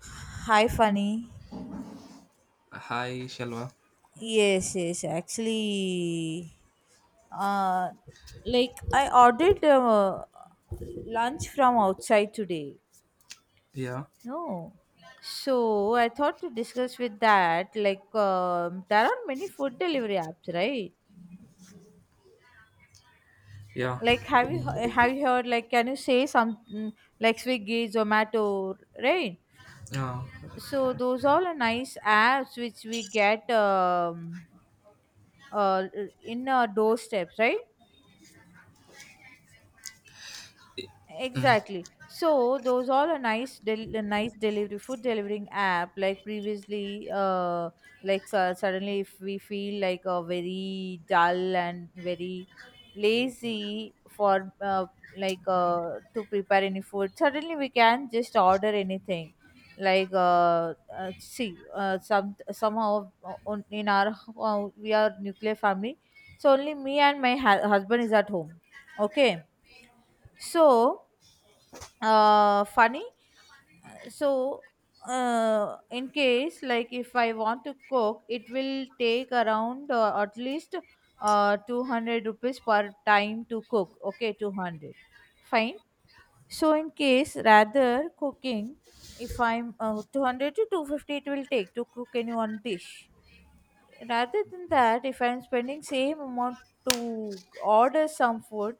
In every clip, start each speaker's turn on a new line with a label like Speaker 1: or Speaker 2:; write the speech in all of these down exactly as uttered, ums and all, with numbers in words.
Speaker 1: Hi, Funny.
Speaker 2: Hi, Shalwa.
Speaker 1: Yes, yes. Actually, uh, like I ordered uh, lunch from outside today.
Speaker 2: Yeah,
Speaker 1: No. So I thought to discuss with that. Like, um, there are many food delivery apps, right?
Speaker 2: yeah,
Speaker 1: Like, have you
Speaker 2: mm,
Speaker 1: have you heard? Like, can you say something like Swiggy, Zomato, right?
Speaker 2: yeah,
Speaker 1: So those all are nice apps which we get um, uh, in our doorsteps, right?
Speaker 2: mm.
Speaker 1: Exactly. So those all are nice, del- uh, nice delivery food delivering app. Like previously, uh, like su- suddenly if we feel like a very dull and very lazy for uh, like uh, to prepare any food, suddenly we can just order anything. Like uh, uh see, uh, some somehow uh, on- in our uh, we are nuclear family, so only me and my hu- husband is at home. Okay, so, uh, funny. So, uh, in case like if I want to cook, it will take around uh, at least uh, two hundred rupees per time to cook. Okay, two hundred. Fine. So, in case rather cooking, if I'm uh, two hundred to two hundred fifty, it will take to cook any one dish. Rather than that, if I'm spending same amount to order some food,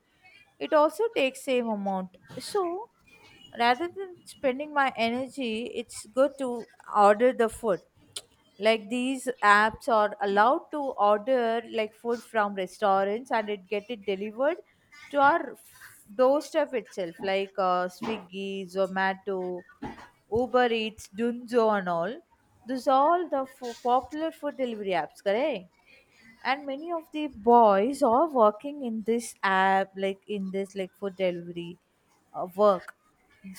Speaker 1: it also takes same amount. So, rather than spending my energy, it's good to order the food. Like these apps are allowed to order like food from restaurants and it get it delivered to our f- doorstep itself, like uh, Swiggy, Zomato, Uber Eats, Dunzo and all. These are all the f- popular food delivery apps, correct? And many of the boys are working in this app, like in this like food delivery uh, work.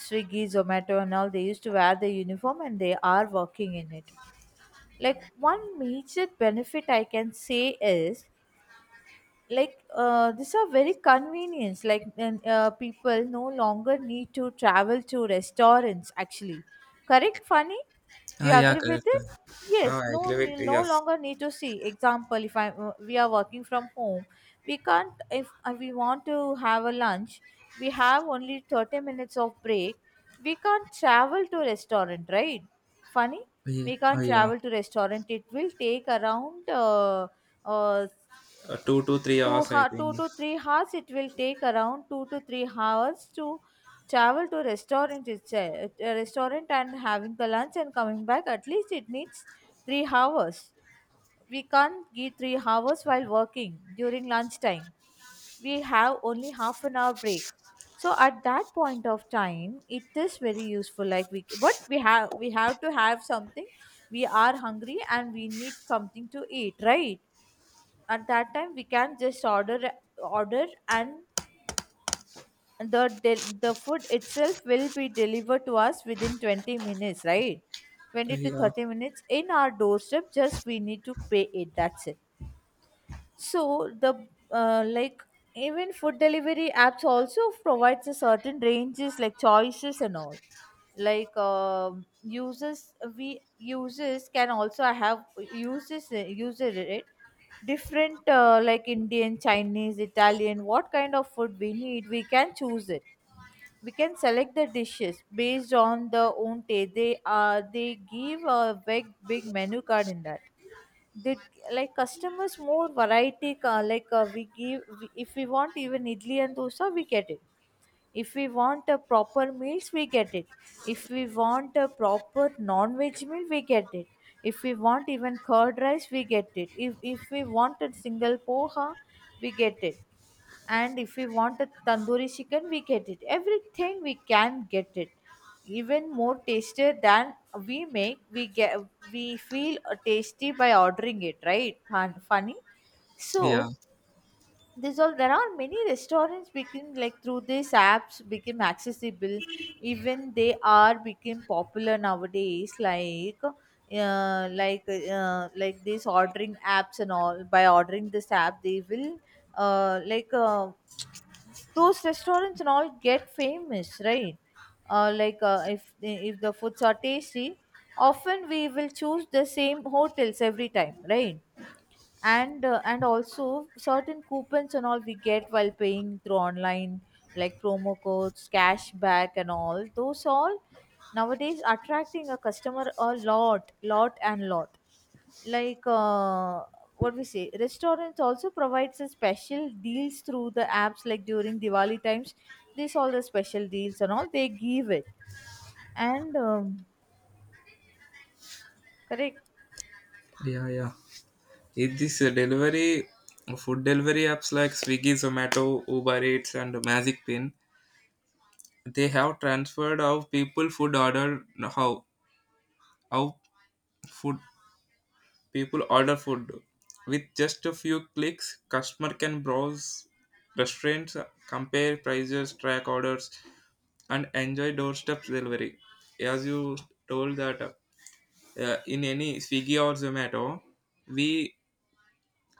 Speaker 1: Swiggy, Zomato and all, they used to wear the uniform and they are working in it. Like one major benefit I can say is like uh, these are very convenient, like and, uh, people no longer need to travel to restaurants, actually. Correct, funny? Do
Speaker 2: Ah,
Speaker 1: you
Speaker 2: yeah,
Speaker 1: agree with
Speaker 2: correct.
Speaker 1: it?
Speaker 2: Ah,
Speaker 1: Yes.
Speaker 2: I
Speaker 1: No,
Speaker 2: agree with
Speaker 1: you no
Speaker 2: yes.
Speaker 1: longer need to see. Example, if I uh, we are working from home, we can't. If uh, we want to have a lunch, we have only thirty minutes of break. We can't travel to restaurant, right, funny?
Speaker 2: Yeah,
Speaker 1: We
Speaker 2: ah,
Speaker 1: can't
Speaker 2: yeah,
Speaker 1: travel to restaurant. It will take around uh, uh,
Speaker 2: Uh, two to three
Speaker 1: two
Speaker 2: hours, I
Speaker 1: ho- two
Speaker 2: think.
Speaker 1: to three hours. It will take around two to three hours to travel to restaurant itself. Uh, restaurant and having the lunch and coming back, at least it needs three hours. We can't give three hours while working during lunchtime. We have only half an hour break. So at that point of time it is very useful. Like we, but we have we have to have something. We are hungry and we need something to eat, right? At that time we can just order, order, and the del- the food itself will be delivered to us within twenty minutes, right?
Speaker 2: Ah,
Speaker 1: twenty to
Speaker 2: yeah,
Speaker 1: thirty minutes in our doorstep. Just we need to pay it, that's it. So the, uh, like, even food delivery apps also provides a certain ranges like choices and all. Like, um, users, we users can also have uses user it, right? Different uh, like Indian, Chinese, Italian. What kind of food we need, we can choose it. We can select the dishes based on the own taste. They, uh, they give a big big menu card in that. Did like customers more variety uh, like uh, we give we, if we want even idli and dosa we get it, if we want a proper meals we get it, if we want a proper non veg meal we get it, if we want even curd rice we get it, if if we want a single poha we get it, and if we want a tandoori chicken we get it. Everything we can get it, even more tastier than we make, we get. We feel, uh, tasty by ordering it, right, Fun- funny? So
Speaker 2: yeah,
Speaker 1: there's all, there are many restaurants became like, through these apps became accessible. Even they are became popular nowadays. Like uh, like uh, like these ordering apps and all. By ordering this app, they will uh, like. Uh, those restaurants and all get famous, right? Uh, like uh, if if the foods are tasty, often we will choose the same hotels every time, right? and uh, and also certain coupons and all we get while paying through online, like promo codes, cashback and all. Those all nowadays attracting a customer a lot, lot and lot. Like, uh, what we say, restaurants also provides a special deals through the apps, like during Diwali times, this all the special deals and all they give it. And, um, correct.
Speaker 2: yeah, yeah. It is this uh, delivery food delivery apps like Swiggy, Zomato, Uber Eats, and Magic Pin? They have transferred how people food order how how food people order food. With just a few clicks, customer can browse restaurants, compare prices, track orders, and enjoy doorstep delivery. As you told that, uh, in any Swiggy or Zomato, we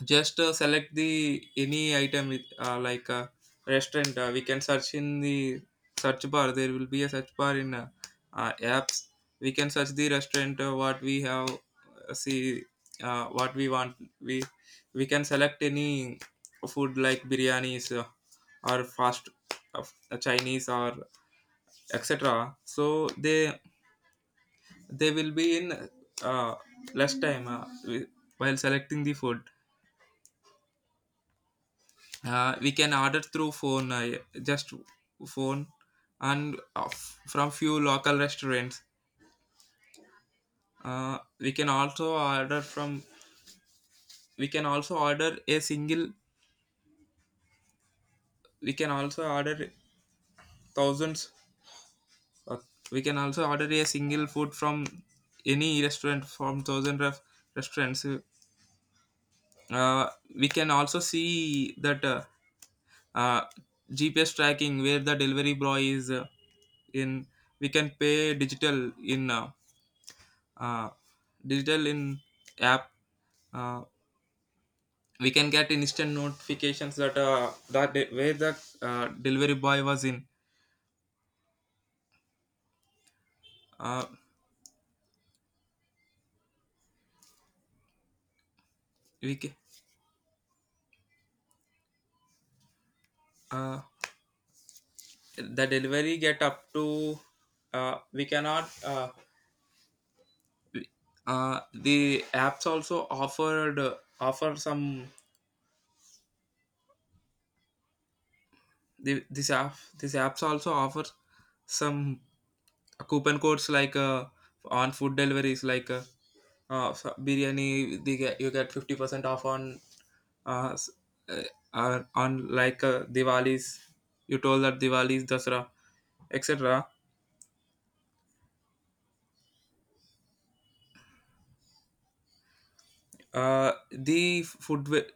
Speaker 2: just uh, select the any item with uh, like a restaurant. Uh, we can search in the search bar. There will be a search bar in uh, uh, apps. We can search the restaurant, uh, what we have. Uh, see, uh, what we want. We we can select any food like biryanis, uh, or fast of Chinese, or et cetera. So they they will be in uh, less time, uh, wi- while selecting the food. Uh, we can order through phone, uh, just phone. And uh, f- from few local restaurants, uh, we can also order from we can also order a single we can also order thousands uh, we can also order a single food from any restaurant from thousand of restaurants. Uh, we can also see that, uh, uh, GPS tracking where the delivery boy is. Uh, in We can pay digital in uh, uh, digital in app. uh, we can get instant notifications that, uh, that day, where the uh, delivery boy was in. Uh, we ca- uh, the delivery get up to uh, we cannot uh, uh, The apps also offered uh, offer some. The, this app these apps also offer some coupon codes, like, uh, on food deliveries, like, uh, uh, so biryani they get, you get fifty percent off on uh, s- uh, are on like uh, Diwali's. You told that Diwali's, Dasra, et cetera. Uh, the food wi-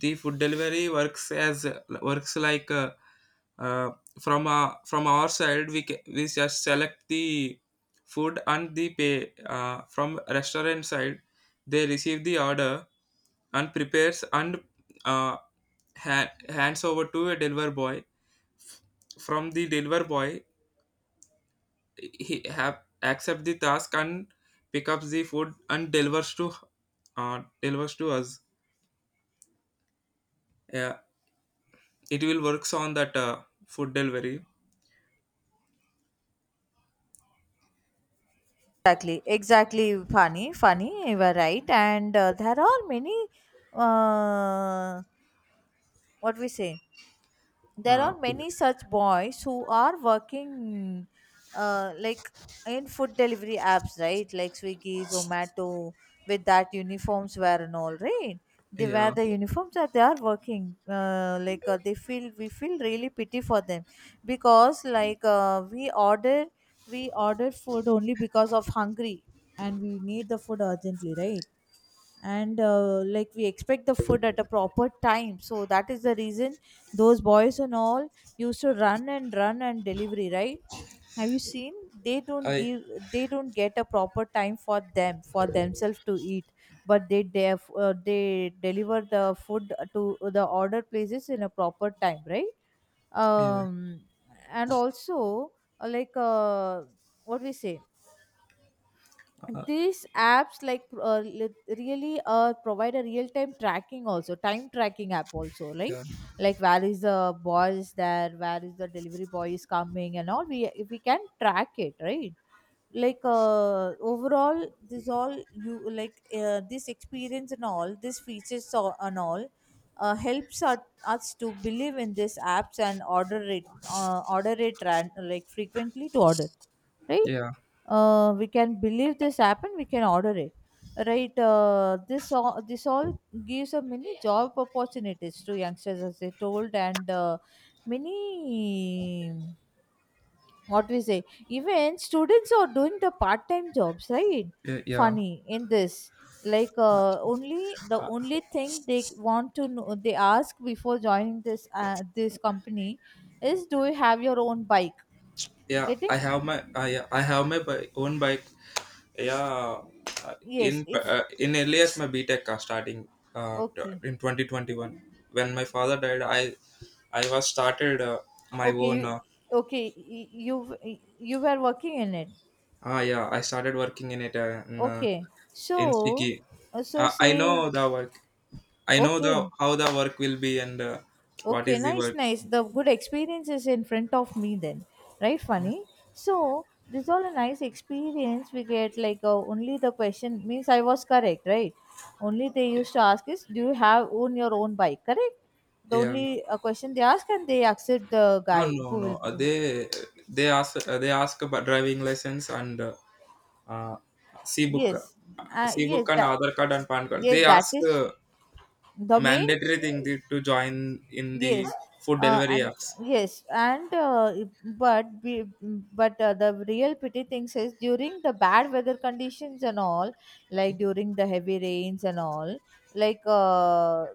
Speaker 2: the food delivery works as works like, uh, uh, from, uh, from our side, we ca- we just select the food and the pay, uh, from restaurant side, they receive the order and prepares. And uh, ha- hands over to a deliver boy. From the deliver boy, he have accept the task and pick up the food and delivers to, uh, delivers to us. Yeah, it will works on that, uh, food delivery
Speaker 1: Exactly, exactly. Funny, funny. You were right, and uh, there are many. Uh, what we say? There
Speaker 2: uh,
Speaker 1: are
Speaker 2: food.
Speaker 1: many such boys who are working uh, like in food delivery apps, right, like Swiggy, Zomato, with that uniforms wear and all, right? They wear
Speaker 2: Yeah.
Speaker 1: the uniforms that they are working, uh, like uh, they feel, we feel really pity for them. Because like, uh, we order, we order food only because of hungry, and we need the food urgently, right? And uh, like we expect the food at a proper time. So that is the reason those boys and all used to run and run and delivery, right? Have you seen? They don't
Speaker 2: I.
Speaker 1: give, they don't get a proper time for them, for themselves to eat, but they def, uh, they deliver the food to the order places in a proper time, right?
Speaker 2: Yeah,
Speaker 1: Um, and also, uh, like uh, what we say,
Speaker 2: uh,
Speaker 1: these apps like, uh, li- really uh, provide a real time tracking also, time tracking app also, right?
Speaker 2: yeah,
Speaker 1: Like where is the boy is there, where is the delivery boy is coming and all, we we can track it, right? Like, uh, overall, this all, you like, uh, this experience and all, these features so- and all uh, helps our, us to believe in these apps and order it, uh, order it ran, like frequently to order, right?
Speaker 2: yeah,
Speaker 1: Uh, we can believe this happened, we can order it, right? Uh, this all, this all gives a many job opportunities to youngsters, as they told. And, uh, many, what we say, even students are doing the part-time jobs, right,
Speaker 2: yeah, yeah.
Speaker 1: funny? In this like,
Speaker 2: Uh,
Speaker 1: uh, only the only thing they want to know, they ask before joining this, uh, this company is, do you have your own bike?
Speaker 2: yeah,
Speaker 1: Getting.
Speaker 2: i have my i i have my bi- own bike. Yeah. uh,
Speaker 1: Yes.
Speaker 2: in
Speaker 1: If.
Speaker 2: uh, in earliest my btech, uh, starting, uh,
Speaker 1: Okay.
Speaker 2: t- in twenty twenty-one, when my father died. I i was started, uh, my
Speaker 1: Okay, you,
Speaker 2: own. uh,
Speaker 1: okay, y- you w- you were working in it.
Speaker 2: Ah, yeah, I started working in it, uh, in, uh,
Speaker 1: Okay.
Speaker 2: in
Speaker 1: So,
Speaker 2: Swiggy.
Speaker 1: uh, so
Speaker 2: Uh, I
Speaker 1: say.
Speaker 2: know the work. I know the
Speaker 1: Okay.
Speaker 2: how the work will be. And uh, what
Speaker 1: Okay,
Speaker 2: is the
Speaker 1: nice,
Speaker 2: work.
Speaker 1: nice, the good experience is in front of me then, right, funny? So this all a nice experience we get. Like, uh, only the question means I was correct, right? Only they used to ask is, do you have own your own bike, correct? The
Speaker 2: Yeah.
Speaker 1: only uh, question they ask, and they accept the
Speaker 2: No,
Speaker 1: guy
Speaker 2: no,
Speaker 1: who
Speaker 2: no.
Speaker 1: will
Speaker 2: Uh,
Speaker 1: be.
Speaker 2: they they ask, uh, they ask about driving license, and uh, uh, C book,
Speaker 1: Yes,
Speaker 2: uh,
Speaker 1: uh,
Speaker 2: C
Speaker 1: yes,
Speaker 2: book and
Speaker 1: that,
Speaker 2: other card and PAN card. They
Speaker 1: yes, that
Speaker 2: ask,
Speaker 1: is
Speaker 2: uh, a
Speaker 1: the main.
Speaker 2: mandatory thing to to join in the
Speaker 1: Yes,
Speaker 2: food
Speaker 1: uh,
Speaker 2: delivery
Speaker 1: and
Speaker 2: apps.
Speaker 1: yes, and uh, but we, but uh, the real pity thing is during the bad weather conditions and all, like during the heavy rains and all, like uh,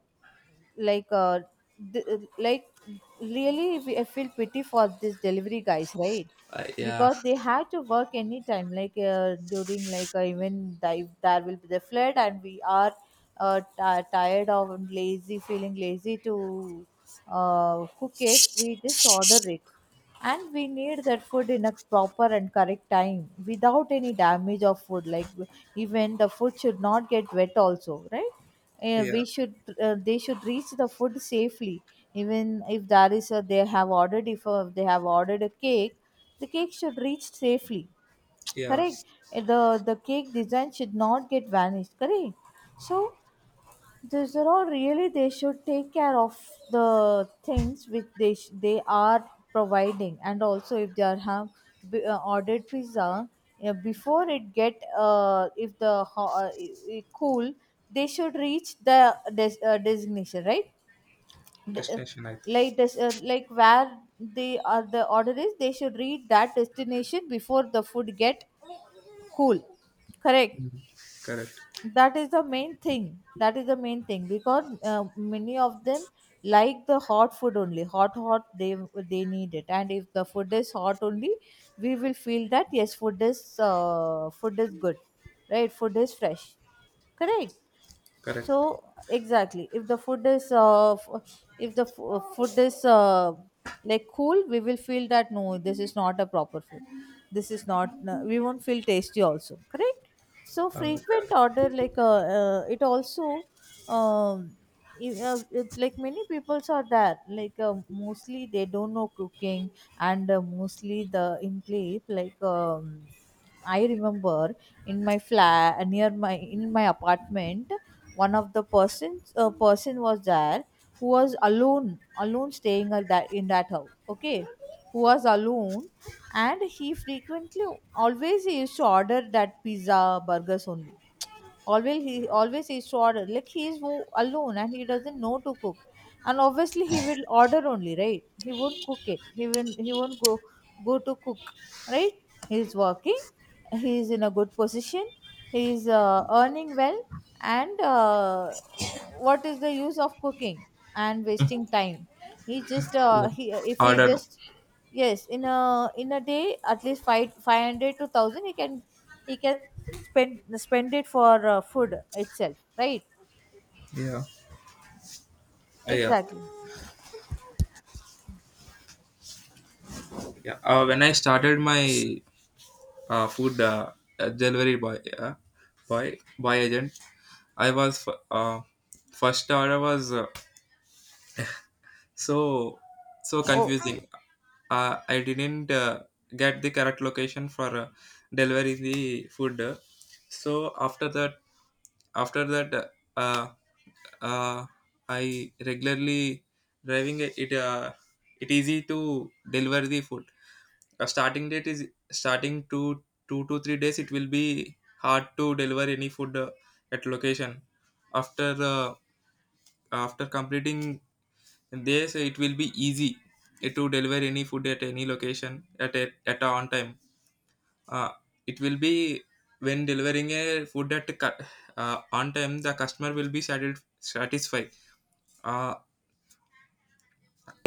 Speaker 1: like uh, th- like really, we- I feel pity for these delivery guys, right?
Speaker 2: Uh, yeah,
Speaker 1: Because they had to work anytime, like, uh, during like, uh, even the, there will be the flood and we are uh, ti tired of and lazy, feeling lazy to, uh, cook it, we just order it. And we need that food in a proper and correct time, without any damage of food. Like, even the food should not get wet also, right? Uh,
Speaker 2: yeah,
Speaker 1: we should, uh, they should reach the food safely. Even if there is a, they have ordered, if uh, they have ordered a cake, the cake should reach safely.
Speaker 2: yeah.
Speaker 1: Correct. Eh, The the cake design should not get vanished. Correct. So these are all, really they should take care of the things which they sh- they are providing. And also if they are have b- uh, ordered pizza, eh, before it get uh, if the ho- uh, I- I- cool, they should reach the des- uh, designation, right? the- uh,
Speaker 2: Destination, I think.
Speaker 1: like this, uh, like where the uh, the order is, they should read that destination before the food get cool, correct.
Speaker 2: Mhm. Correct,
Speaker 1: That is the main thing. That is the main thing, because uh, many of them, like, the hot food only, hot hot, they they need it. And if the food is hot only, we will feel that yes, food is uh, food is good. Right. Food is fresh. Correct. So
Speaker 2: correct.
Speaker 1: exactly, if the food is uh, f- if the f- uh, food is uh, like cool, we will feel that no, this is not a proper food. This is not. No, we won't feel tasty also, correct. So frequent
Speaker 2: Okay.
Speaker 1: order, like uh, uh, it also. um, you know, it- like many peoples are there, like uh, mostly they don't know cooking. And uh, mostly the in place, like um, I remember, in my flat, near my in my apartment, one of the persons a person was there, who was alone alone, staying at that in that house. Okay. Who was alone, and he frequently, always he used to order that pizza, burgers only. Always he always he used to order, like he is wo- alone, and he doesn't know to cook. And obviously he will order only, right? He won't cook it. He will he won't go go to cook, right? He's working. He is in a good position. He is uh, earning well. And uh, what is the use of cooking and wasting time? He just
Speaker 2: Yeah.
Speaker 1: uh, he if He
Speaker 2: Order.
Speaker 1: just. Yes, in a in a day, at least five five hundred to one thousand he can he can spend spend it for uh, food itself, right?
Speaker 2: Yeah. Yeah,
Speaker 1: Exactly.
Speaker 2: yeah, uh, when I started my, uh, food uh, uh, delivery boy, yeah, boy boy agent. i was f- uh, First order was, uh, so so
Speaker 1: Oh.
Speaker 2: confusing. uh, I didn't, uh, get the correct location for, uh, delivery the food. So after that, after that uh, uh, I regularly driving it. It, uh, it easy to deliver the food. A starting date is, starting to two to three days it will be hard to deliver any food, uh, at location. After uh, after completing, they say it will be easy, eh, to deliver any food at any location, at a, at a on time. Uh, it will be, when delivering a food at cu- uh, on time, the customer will be satis- satisfied. Uh,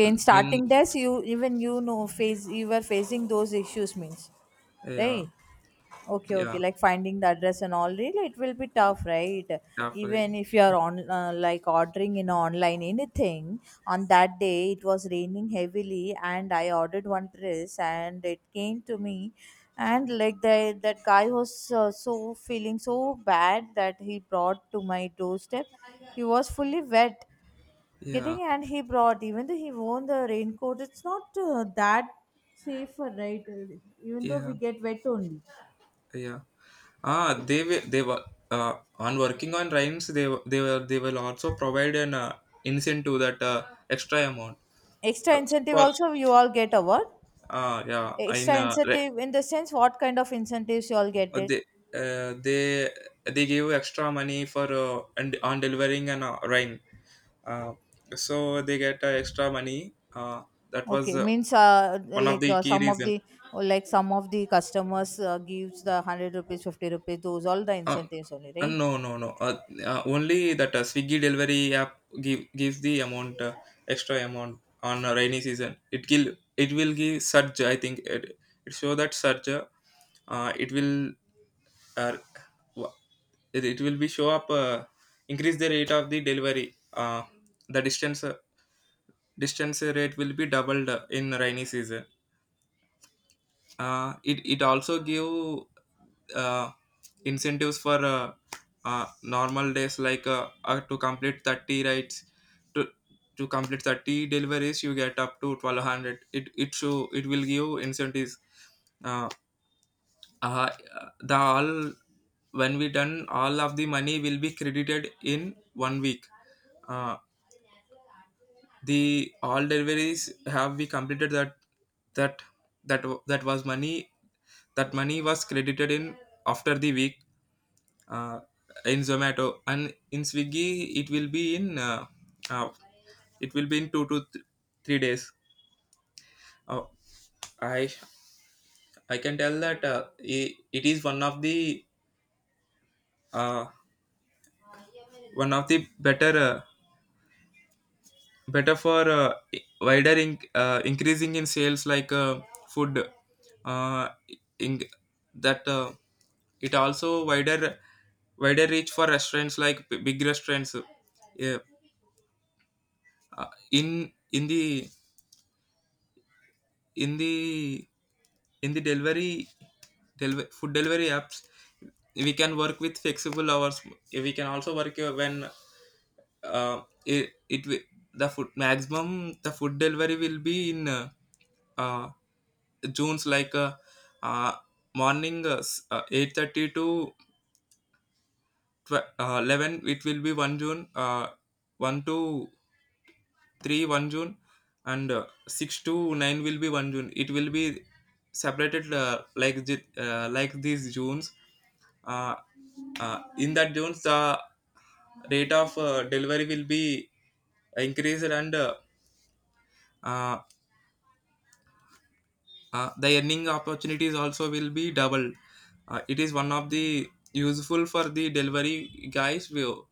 Speaker 1: In
Speaker 2: then
Speaker 1: starting this, you even, you know face you were facing those issues, means,
Speaker 2: yeah,
Speaker 1: right? Okay,
Speaker 2: yeah,
Speaker 1: okay. Like finding the address and all, really, it will be tough, right?
Speaker 2: definitely.
Speaker 1: Even if you are on, uh, like ordering in online anything, on that day it was raining heavily, and I ordered one dress, and it came to me, and like the that guy was uh, so feeling so bad that he brought to my doorstep. He was fully wet,
Speaker 2: Yeah,
Speaker 1: getting, and he brought, even though he wore the raincoat, it's not uh, that safer, right? Even though
Speaker 2: yeah,
Speaker 1: we get wet only.
Speaker 2: yeah. Ah, they will, they were, uh, on working on rhymes. They w- they will they will also provide an, uh, incentive to that, uh, extra amount.
Speaker 1: Extra
Speaker 2: So,
Speaker 1: incentive
Speaker 2: for.
Speaker 1: also you all get award.
Speaker 2: Ah, yeah. In
Speaker 1: Extra
Speaker 2: uh, re-
Speaker 1: incentive in the sense, what kind of incentives you all get
Speaker 2: uh,
Speaker 1: it?
Speaker 2: they uh, they they give extra money for, uh, and on delivering an, uh, rain. Uh, so they get, uh, extra money. Uh, that was,
Speaker 1: Okay,
Speaker 2: uh,
Speaker 1: means uh,
Speaker 2: one of
Speaker 1: like
Speaker 2: the
Speaker 1: uh,
Speaker 2: key
Speaker 1: some of
Speaker 2: reason.
Speaker 1: the, or like some of the customers uh, gives the hundred rupees, fifty rupees. Those all the
Speaker 2: Uh,
Speaker 1: incentives only,
Speaker 2: uh,
Speaker 1: right?
Speaker 2: no, no, no. Uh, uh, only that, uh, Swiggy delivery app give gives the amount, uh, extra amount on a rainy season. It will it will give surge. I think it, it show that surge. Uh, it will uh, it, it will be show up, uh, increase the rate of the delivery, uh, the distance, uh, distance rate will be doubled, uh, in rainy season. Uh, it, it also give, uh, incentives for, uh, uh, normal days, like, uh, uh, to complete thirty rides, to to complete thirty deliveries. You get up to twelve hundred. It it show it will give incentives. uh, uh, the all, when we done all of the money will be credited in one week. uh, the all deliveries have we completed, that that that that was money. That money was credited in after the week. uh, in Zomato and in Swiggy, it will be in, uh, uh, it will be in two to th- three days. Uh, i i can tell that, uh, I it is one of the, uh, one of the better, uh, better for, uh, i- wider in, uh, increasing in sales, like, uh, food, uh, in that, uh, it also wider wider reach for restaurants, like, b- big restaurants. Yeah. uh, in in the in the in the delivery deliver, food delivery apps, we can work with flexible hours. We can also work, uh, when, uh, it, it wi- the food maximum, the food delivery will be in, uh, uh, June's, like, uh, uh, morning, uh, s- uh, eight thirty to twelve, uh, eleven. It will be one june, uh, one to three one june, and uh, six to nine will be one june. It will be separated, uh, like thi- uh, like these Junes. uh, uh, in that Junes, the rate of, uh, delivery will be increased, and uh, uh, Uh, the earning opportunities also will be doubled. Uh, it is one of the useful for the delivery guys, who,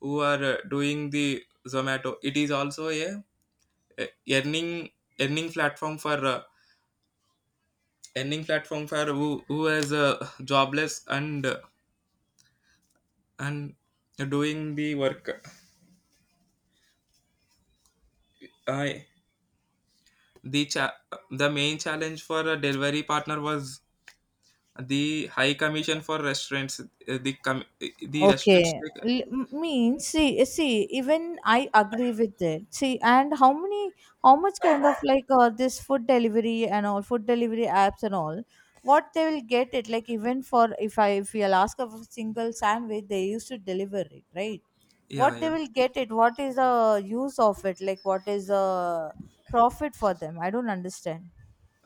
Speaker 2: who are, uh, doing the Zomato. It is also a, a earning earning platform for, uh, earning platform for who who is, uh, jobless, and, uh, and doing the work. I the cha- the main challenge for a delivery partner was the high commission for restaurants. Uh, The com- uh, the restaurants.
Speaker 1: Okay.
Speaker 2: take-
Speaker 1: L- m- means, see, see, even I agree with that. See, and how many, how much kind of, like, uh, this food delivery and all, food delivery apps and all, what they will get it? Like, even for, if I if we'll ask of a single sandwich, they used to deliver it, right?
Speaker 2: Yeah,
Speaker 1: What
Speaker 2: yeah.
Speaker 1: they will get it? What is the use of it? Like, what is the profit for them? I don't understand.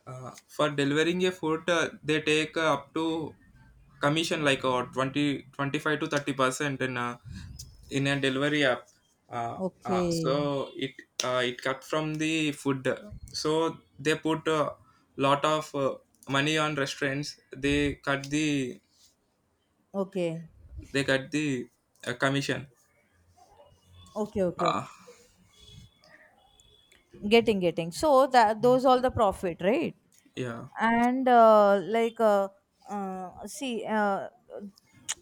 Speaker 2: Uh, for delivering a food, uh, they take, uh, up to commission, like, uh, twenty twenty five to thirty percent in a, in a delivery app. Uh, uh,
Speaker 1: Okay,
Speaker 2: so it uh, it cut from the food. So they put a lot of, uh, money on restaurants. They cut the
Speaker 1: okay,
Speaker 2: they cut the, uh, commission.
Speaker 1: okay, okay,
Speaker 2: Uh,
Speaker 1: okay. getting getting so that those all the profit, right?
Speaker 2: yeah,
Speaker 1: And uh, like uh, uh, see uh,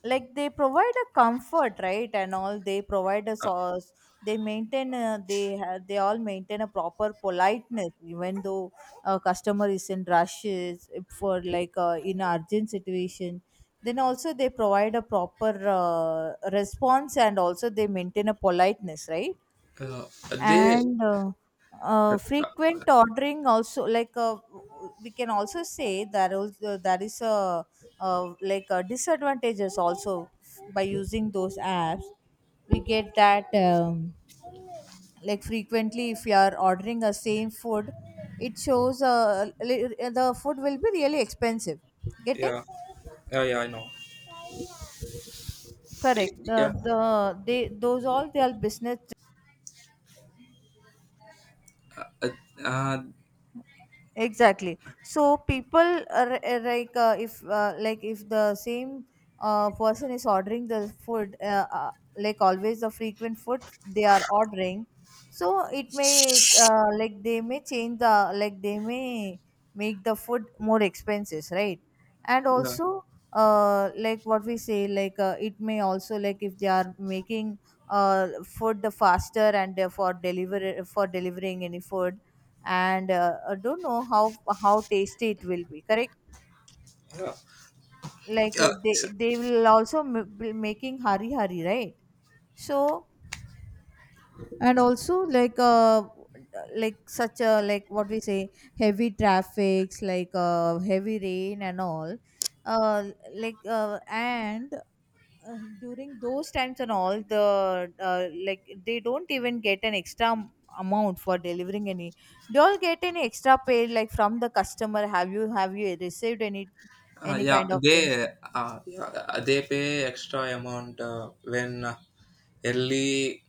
Speaker 1: like they provide a comfort, right? And all, they provide a
Speaker 2: uh,
Speaker 1: source. They maintain uh, they ha- they all maintain a proper politeness, even though a customer is in rushes, for like uh, in urgent situation, then also they provide a proper uh, response, and also they maintain a politeness, right?
Speaker 2: uh, they
Speaker 1: And uh, uh,
Speaker 2: uh,
Speaker 1: frequent ordering also, like uh, we can also say that also, that is a, uh, like uh disadvantages also, by using those apps we get that, um, like, frequently if you are ordering a same food, it shows uh, li- uh, the food will be really expensive, getting.
Speaker 2: yeah, yeah, yeah, I know.
Speaker 1: Correct, the
Speaker 2: Yeah,
Speaker 1: the they, those all, they are business.
Speaker 2: uh, uh,
Speaker 1: Exactly, so people are, are like, uh, if uh, like if the same uh, person is ordering the food uh, uh, like always the frequent food they are ordering, so it may uh, like they may change the like they may make the food more expensive, right? And
Speaker 2: yeah,
Speaker 1: also uh, like what we say, like uh, it may also, like if they are making uh, food the faster and therefore deliver for delivering any food. And uh, I don't know how how tasty it will be. Correct?
Speaker 2: yeah,
Speaker 1: Like
Speaker 2: yeah,
Speaker 1: eh,
Speaker 2: so-
Speaker 1: they they will also m- be making hari hari, right? So, and also, like uh like such a, like what we say, heavy traffics, like uh heavy rain and all, uh like uh and uh, during those times and all, the uh, like, they don't even get an extra am- amount for delivering any. Do you all get any extra pay, like from the customer? Have you have you received any
Speaker 2: uh,
Speaker 1: any
Speaker 2: yeah
Speaker 1: kind of things?
Speaker 2: they uh, yeah, uh, they pay extra amount, uh, when, uh, early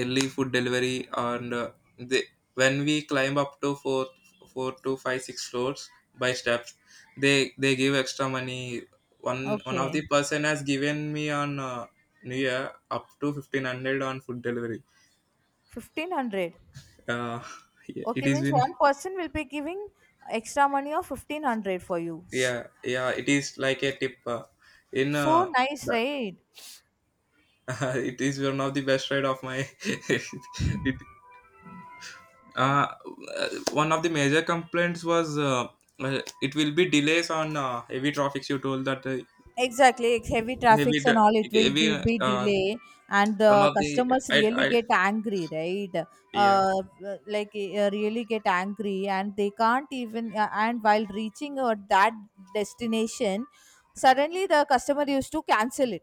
Speaker 2: early food delivery. And uh, they when we climb up to four four to five six floors by steps, they they give extra money. One one of the
Speaker 1: Okay.
Speaker 2: person has given me on, uh, new year, up to fifteen hundred on food delivery.
Speaker 1: fifteen hundred?
Speaker 2: uh, yeah, it
Speaker 1: Okay,
Speaker 2: is
Speaker 1: means
Speaker 2: been.
Speaker 1: one person will be giving extra money of fifteen hundred for you?
Speaker 2: Yeah, yeah, it is like a tip, uh, in,
Speaker 1: So
Speaker 2: uh,
Speaker 1: nice,
Speaker 2: the-
Speaker 1: right?
Speaker 2: Uh, it is one of the best ride of my. it uh, One of the major complaints was, uh, uh, it will be delays on, uh, heavy traffic. You told that, uh,
Speaker 1: Exactly, it's heavy
Speaker 2: heavy
Speaker 1: traffics and
Speaker 2: d-
Speaker 1: all, it will
Speaker 2: heavy.
Speaker 1: de- be
Speaker 2: uh,
Speaker 1: delay, and
Speaker 2: some
Speaker 1: the
Speaker 2: of the.
Speaker 1: customers
Speaker 2: i
Speaker 1: really
Speaker 2: i
Speaker 1: get angry, right?
Speaker 2: yeah,
Speaker 1: Uh, like, uh, really get angry, and they can't even. Uh, and while reaching uh, that destination, suddenly the customer used to cancel it,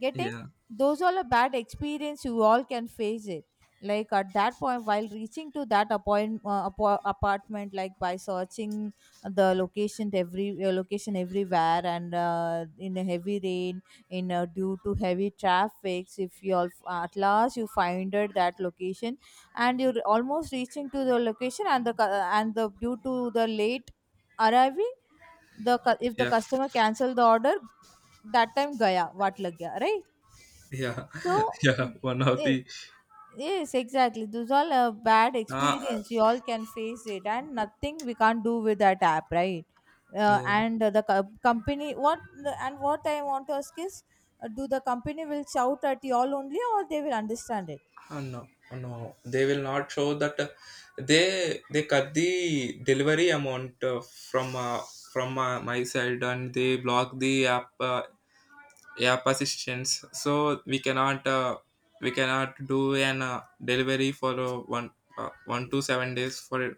Speaker 1: getting.
Speaker 2: yeah,
Speaker 1: Those all a bad experience, you all can face it. Like at that point, while reaching to that appoint, uh, appo- apartment, like by searching the location, every uh, location, everywhere, and uh, in a heavy rain, in uh, due to heavy traffic, if you all at last you find it that location, and you're almost reaching to the location, and the cu- and the, due to the late arriving, the cu- if the
Speaker 2: yeah,
Speaker 1: customer cancel the order, that time gaya what lag gaya, right?
Speaker 2: yeah.
Speaker 1: So,
Speaker 2: Yeah, one of
Speaker 1: this,
Speaker 2: the,
Speaker 1: yes, exactly. Those all a bad
Speaker 2: uh,
Speaker 1: experience. You all can face it, and nothing we can't do with that app, right? Uh,
Speaker 2: yeah.
Speaker 1: and the co- company, what the, and what I want to ask is, uh, do the company will shout at you all only, or they will understand it?
Speaker 2: Uh, no, Oh, no, they will not show that. uh, they they cut the delivery amount, uh, from uh, from, uh, my side, and they block the app, uh, app assistance. So we cannot uh, we cannot do an, uh, delivery for, uh, one uh, one to seven days for it.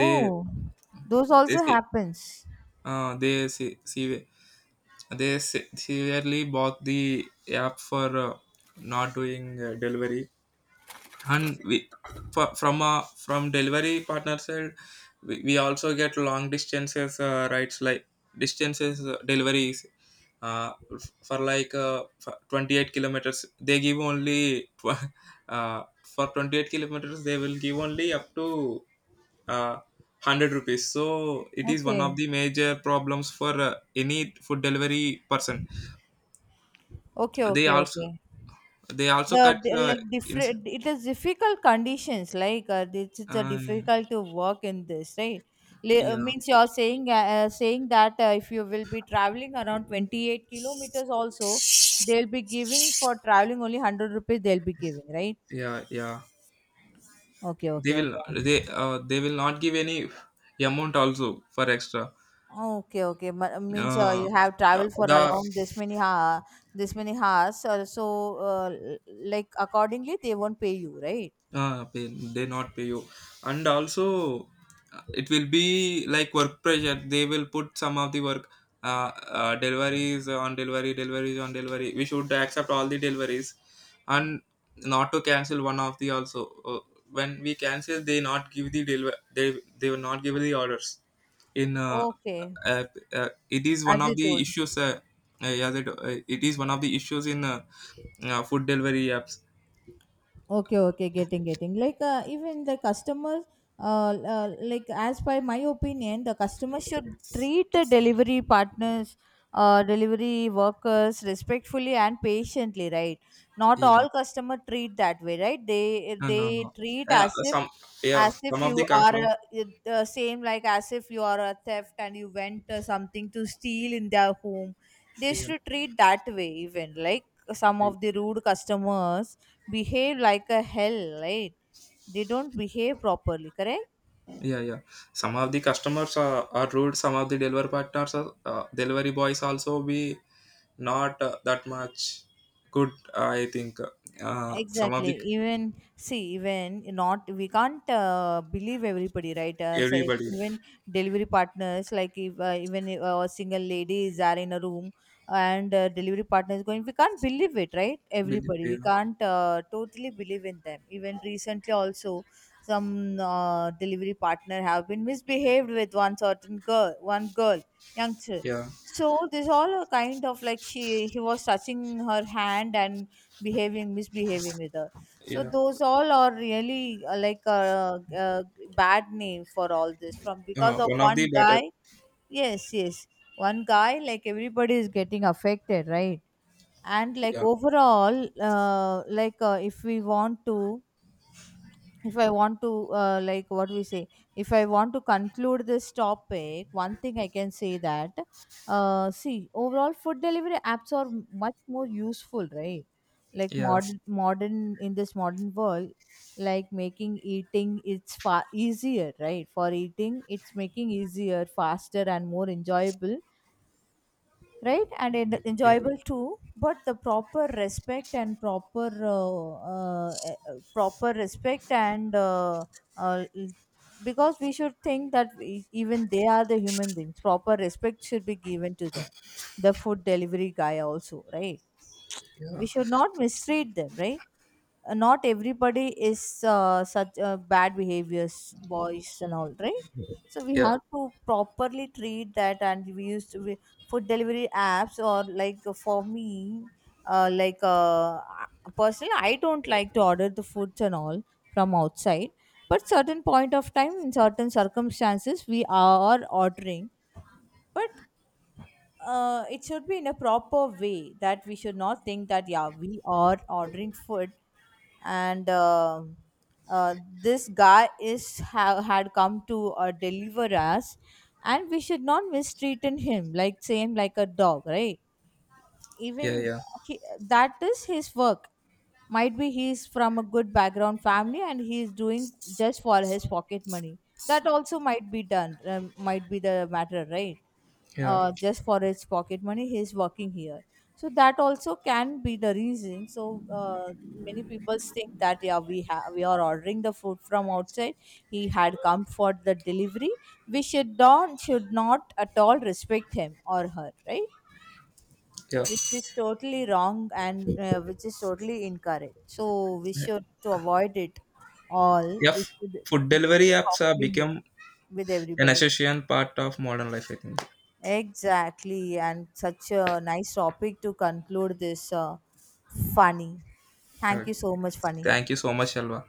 Speaker 2: They
Speaker 1: those
Speaker 2: they
Speaker 1: also
Speaker 2: see,
Speaker 1: happens.
Speaker 2: uh, they see, see. they se- severely block the app for, uh, not doing, uh, delivery. And we, fro- from uh, from delivery partner side, we, we also get long distances, uh, rights, like, distances, uh, deliveries, uh, f- for, like, uh, for twenty-eight kilometers they give only, tw- uh, for twenty-eight kilometers they will give only up to, uh, one hundred rupees. So it is one of
Speaker 1: Okay,
Speaker 2: the major problems for, uh, any food delivery person.
Speaker 1: okay,
Speaker 2: they
Speaker 1: okay,
Speaker 2: also
Speaker 1: okay.
Speaker 2: they also
Speaker 1: the
Speaker 2: cut,
Speaker 1: d-
Speaker 2: uh,
Speaker 1: like,
Speaker 2: in.
Speaker 1: different, it is difficult conditions. Like uh, it's, it's a
Speaker 2: uh,
Speaker 1: difficult to work in this, right? Le- uh,
Speaker 2: yeah,
Speaker 1: means you're saying, uh, uh, saying that uh, if you will be traveling around twenty-eight kilometers also, they'll be giving for traveling only one hundred rupees, they'll be giving, right?
Speaker 2: yeah, yeah.
Speaker 1: Okay,
Speaker 2: they
Speaker 1: okay,
Speaker 2: will
Speaker 1: okay,
Speaker 2: they uh, they will not give any amount also for extra.
Speaker 1: okay, okay. Ma- means uh,
Speaker 2: Uh,
Speaker 1: you have
Speaker 2: uh,
Speaker 1: traveled for
Speaker 2: the
Speaker 1: around this many ha this many hours, uh, so uh, l- like, accordingly they won't pay you, right?
Speaker 2: Ah, pay, they not pay you. And also, uh, it will be like work pressure. They will put some of the work, uh, uh, deliveries on delivery, deliveries on delivery we should accept all the deliveries. And not to cancel one of the also. Uh, when we cancel, they not give the deliver. They they will not give the orders in, uh,
Speaker 1: Okay,
Speaker 2: uh, uh, it is one
Speaker 1: as
Speaker 2: of
Speaker 1: you
Speaker 2: the
Speaker 1: told.
Speaker 2: issues. Uh, uh, yeah, that, uh, it is one of the issues in, uh, uh, food delivery apps.
Speaker 1: Okay, okay, getting, getting. Like uh, even the customers, uh, uh, like as by my opinion, the customer should treat the delivery partners, uh, delivery workers respectfully and patiently, right? Not
Speaker 2: Yeah.
Speaker 1: all customer treat that way, right? They
Speaker 2: No, no,
Speaker 1: they
Speaker 2: no.
Speaker 1: treat
Speaker 2: Yeah,
Speaker 1: as if,
Speaker 2: some. Yeah,
Speaker 1: as if
Speaker 2: some of
Speaker 1: you
Speaker 2: the
Speaker 1: are
Speaker 2: customers.
Speaker 1: uh, it- uh, same like as if you are a theft and you went uh, something to steal in their home. They
Speaker 2: Yeah,
Speaker 1: should treat that way, even like some of the rude customers behave like a hell, right? They don't behave properly, correct.
Speaker 2: yeah, yeah. Some of the customers are, are rude. Some of the delivery partners, are, uh, delivery boys, also be not, uh, that much good. I think, uh, some of the
Speaker 1: Exactly. Even, see, even not, we can't uh, believe everybody, right? Uh, says
Speaker 2: everybody.
Speaker 1: even delivery partners, like if uh, even if, uh, a single lady is there in a room and uh, delivery partner is going, we can't believe it, right?
Speaker 2: bel-
Speaker 1: Everybody, we
Speaker 2: yeah,
Speaker 1: can't uh, totally believe in them. Even recently, also some uh, delivery partner have been misbehaved with one certain girl, one girl, youngster.
Speaker 2: yeah,
Speaker 1: So this all a kind of like, she he was touching her hand and behaving, misbehaving with her. So
Speaker 2: yeah.
Speaker 1: those all are really, uh, like a, a bad name for all this, from, because
Speaker 2: Uh,
Speaker 1: of
Speaker 2: one of the
Speaker 1: one
Speaker 2: better.
Speaker 1: guy. Yes, yes, one guy, like everybody is getting affected, right? And like,
Speaker 2: Yeah,
Speaker 1: overall, uh, like uh, if we want to if I want to, uh, like what we say, if I want to conclude this topic, one thing I can say that, uh, see, overall food delivery apps are m- much more useful, right? Like
Speaker 2: yeah,
Speaker 1: modern modern, in this modern world, like making eating, it's far easier, right? For eating, it's making easier, faster, and more enjoyable, right? And en-
Speaker 2: yeah,
Speaker 1: enjoyable too. But the proper respect and proper uh, uh, eh, eh, proper respect, and uh, uh, l- because we should think that, we, even they are the human beings, proper respect should be given to them, the food delivery guy also, right?
Speaker 2: yeah,
Speaker 1: We should not mistreat them, right? Uh, not everybody is uh, such uh, bad behaviors boys and all, right? So we
Speaker 2: yeah, yeah,
Speaker 1: have to properly treat that, and we used to we, food delivery apps or, like uh, for me, uh, like uh, personally I don't like to order the foods and all from outside. But certain point of time in certain circumstances we are ordering. But uh, it should be in a proper way, that we should not think that, yeah, we are ordering food and uh, uh, this guy is ha- had come to uh, deliver us, and we should not mistreat him like, same like a dog, right? Even
Speaker 2: yeah,
Speaker 1: he, that is his work. Might be he's from a good background family, and he's doing just for his pocket money. That also might be done. Um, might be the matter, right?
Speaker 2: yeah,
Speaker 1: Uh, just for his pocket money he's working here. So that also can be the reason. So uh, many people think that, yeah, we have we are ordering the food from outside, he had come for the delivery, we should not should not at all respect him or her, right?
Speaker 2: yeah.
Speaker 1: Which is totally wrong, and uh, which is totally incorrect, so we
Speaker 2: Yeah.
Speaker 1: should to avoid it all, we
Speaker 2: Yes.
Speaker 1: should
Speaker 2: Food delivery
Speaker 1: behave
Speaker 2: apps have
Speaker 1: properly
Speaker 2: become
Speaker 1: with
Speaker 2: an
Speaker 1: everybody.
Speaker 2: essential part of modern life, I think.
Speaker 1: Exactly, and such a nice topic to conclude this, uh, Funny.
Speaker 2: Uh,
Speaker 1: Thank you so much, Funny.
Speaker 2: Thank you so much, Alva.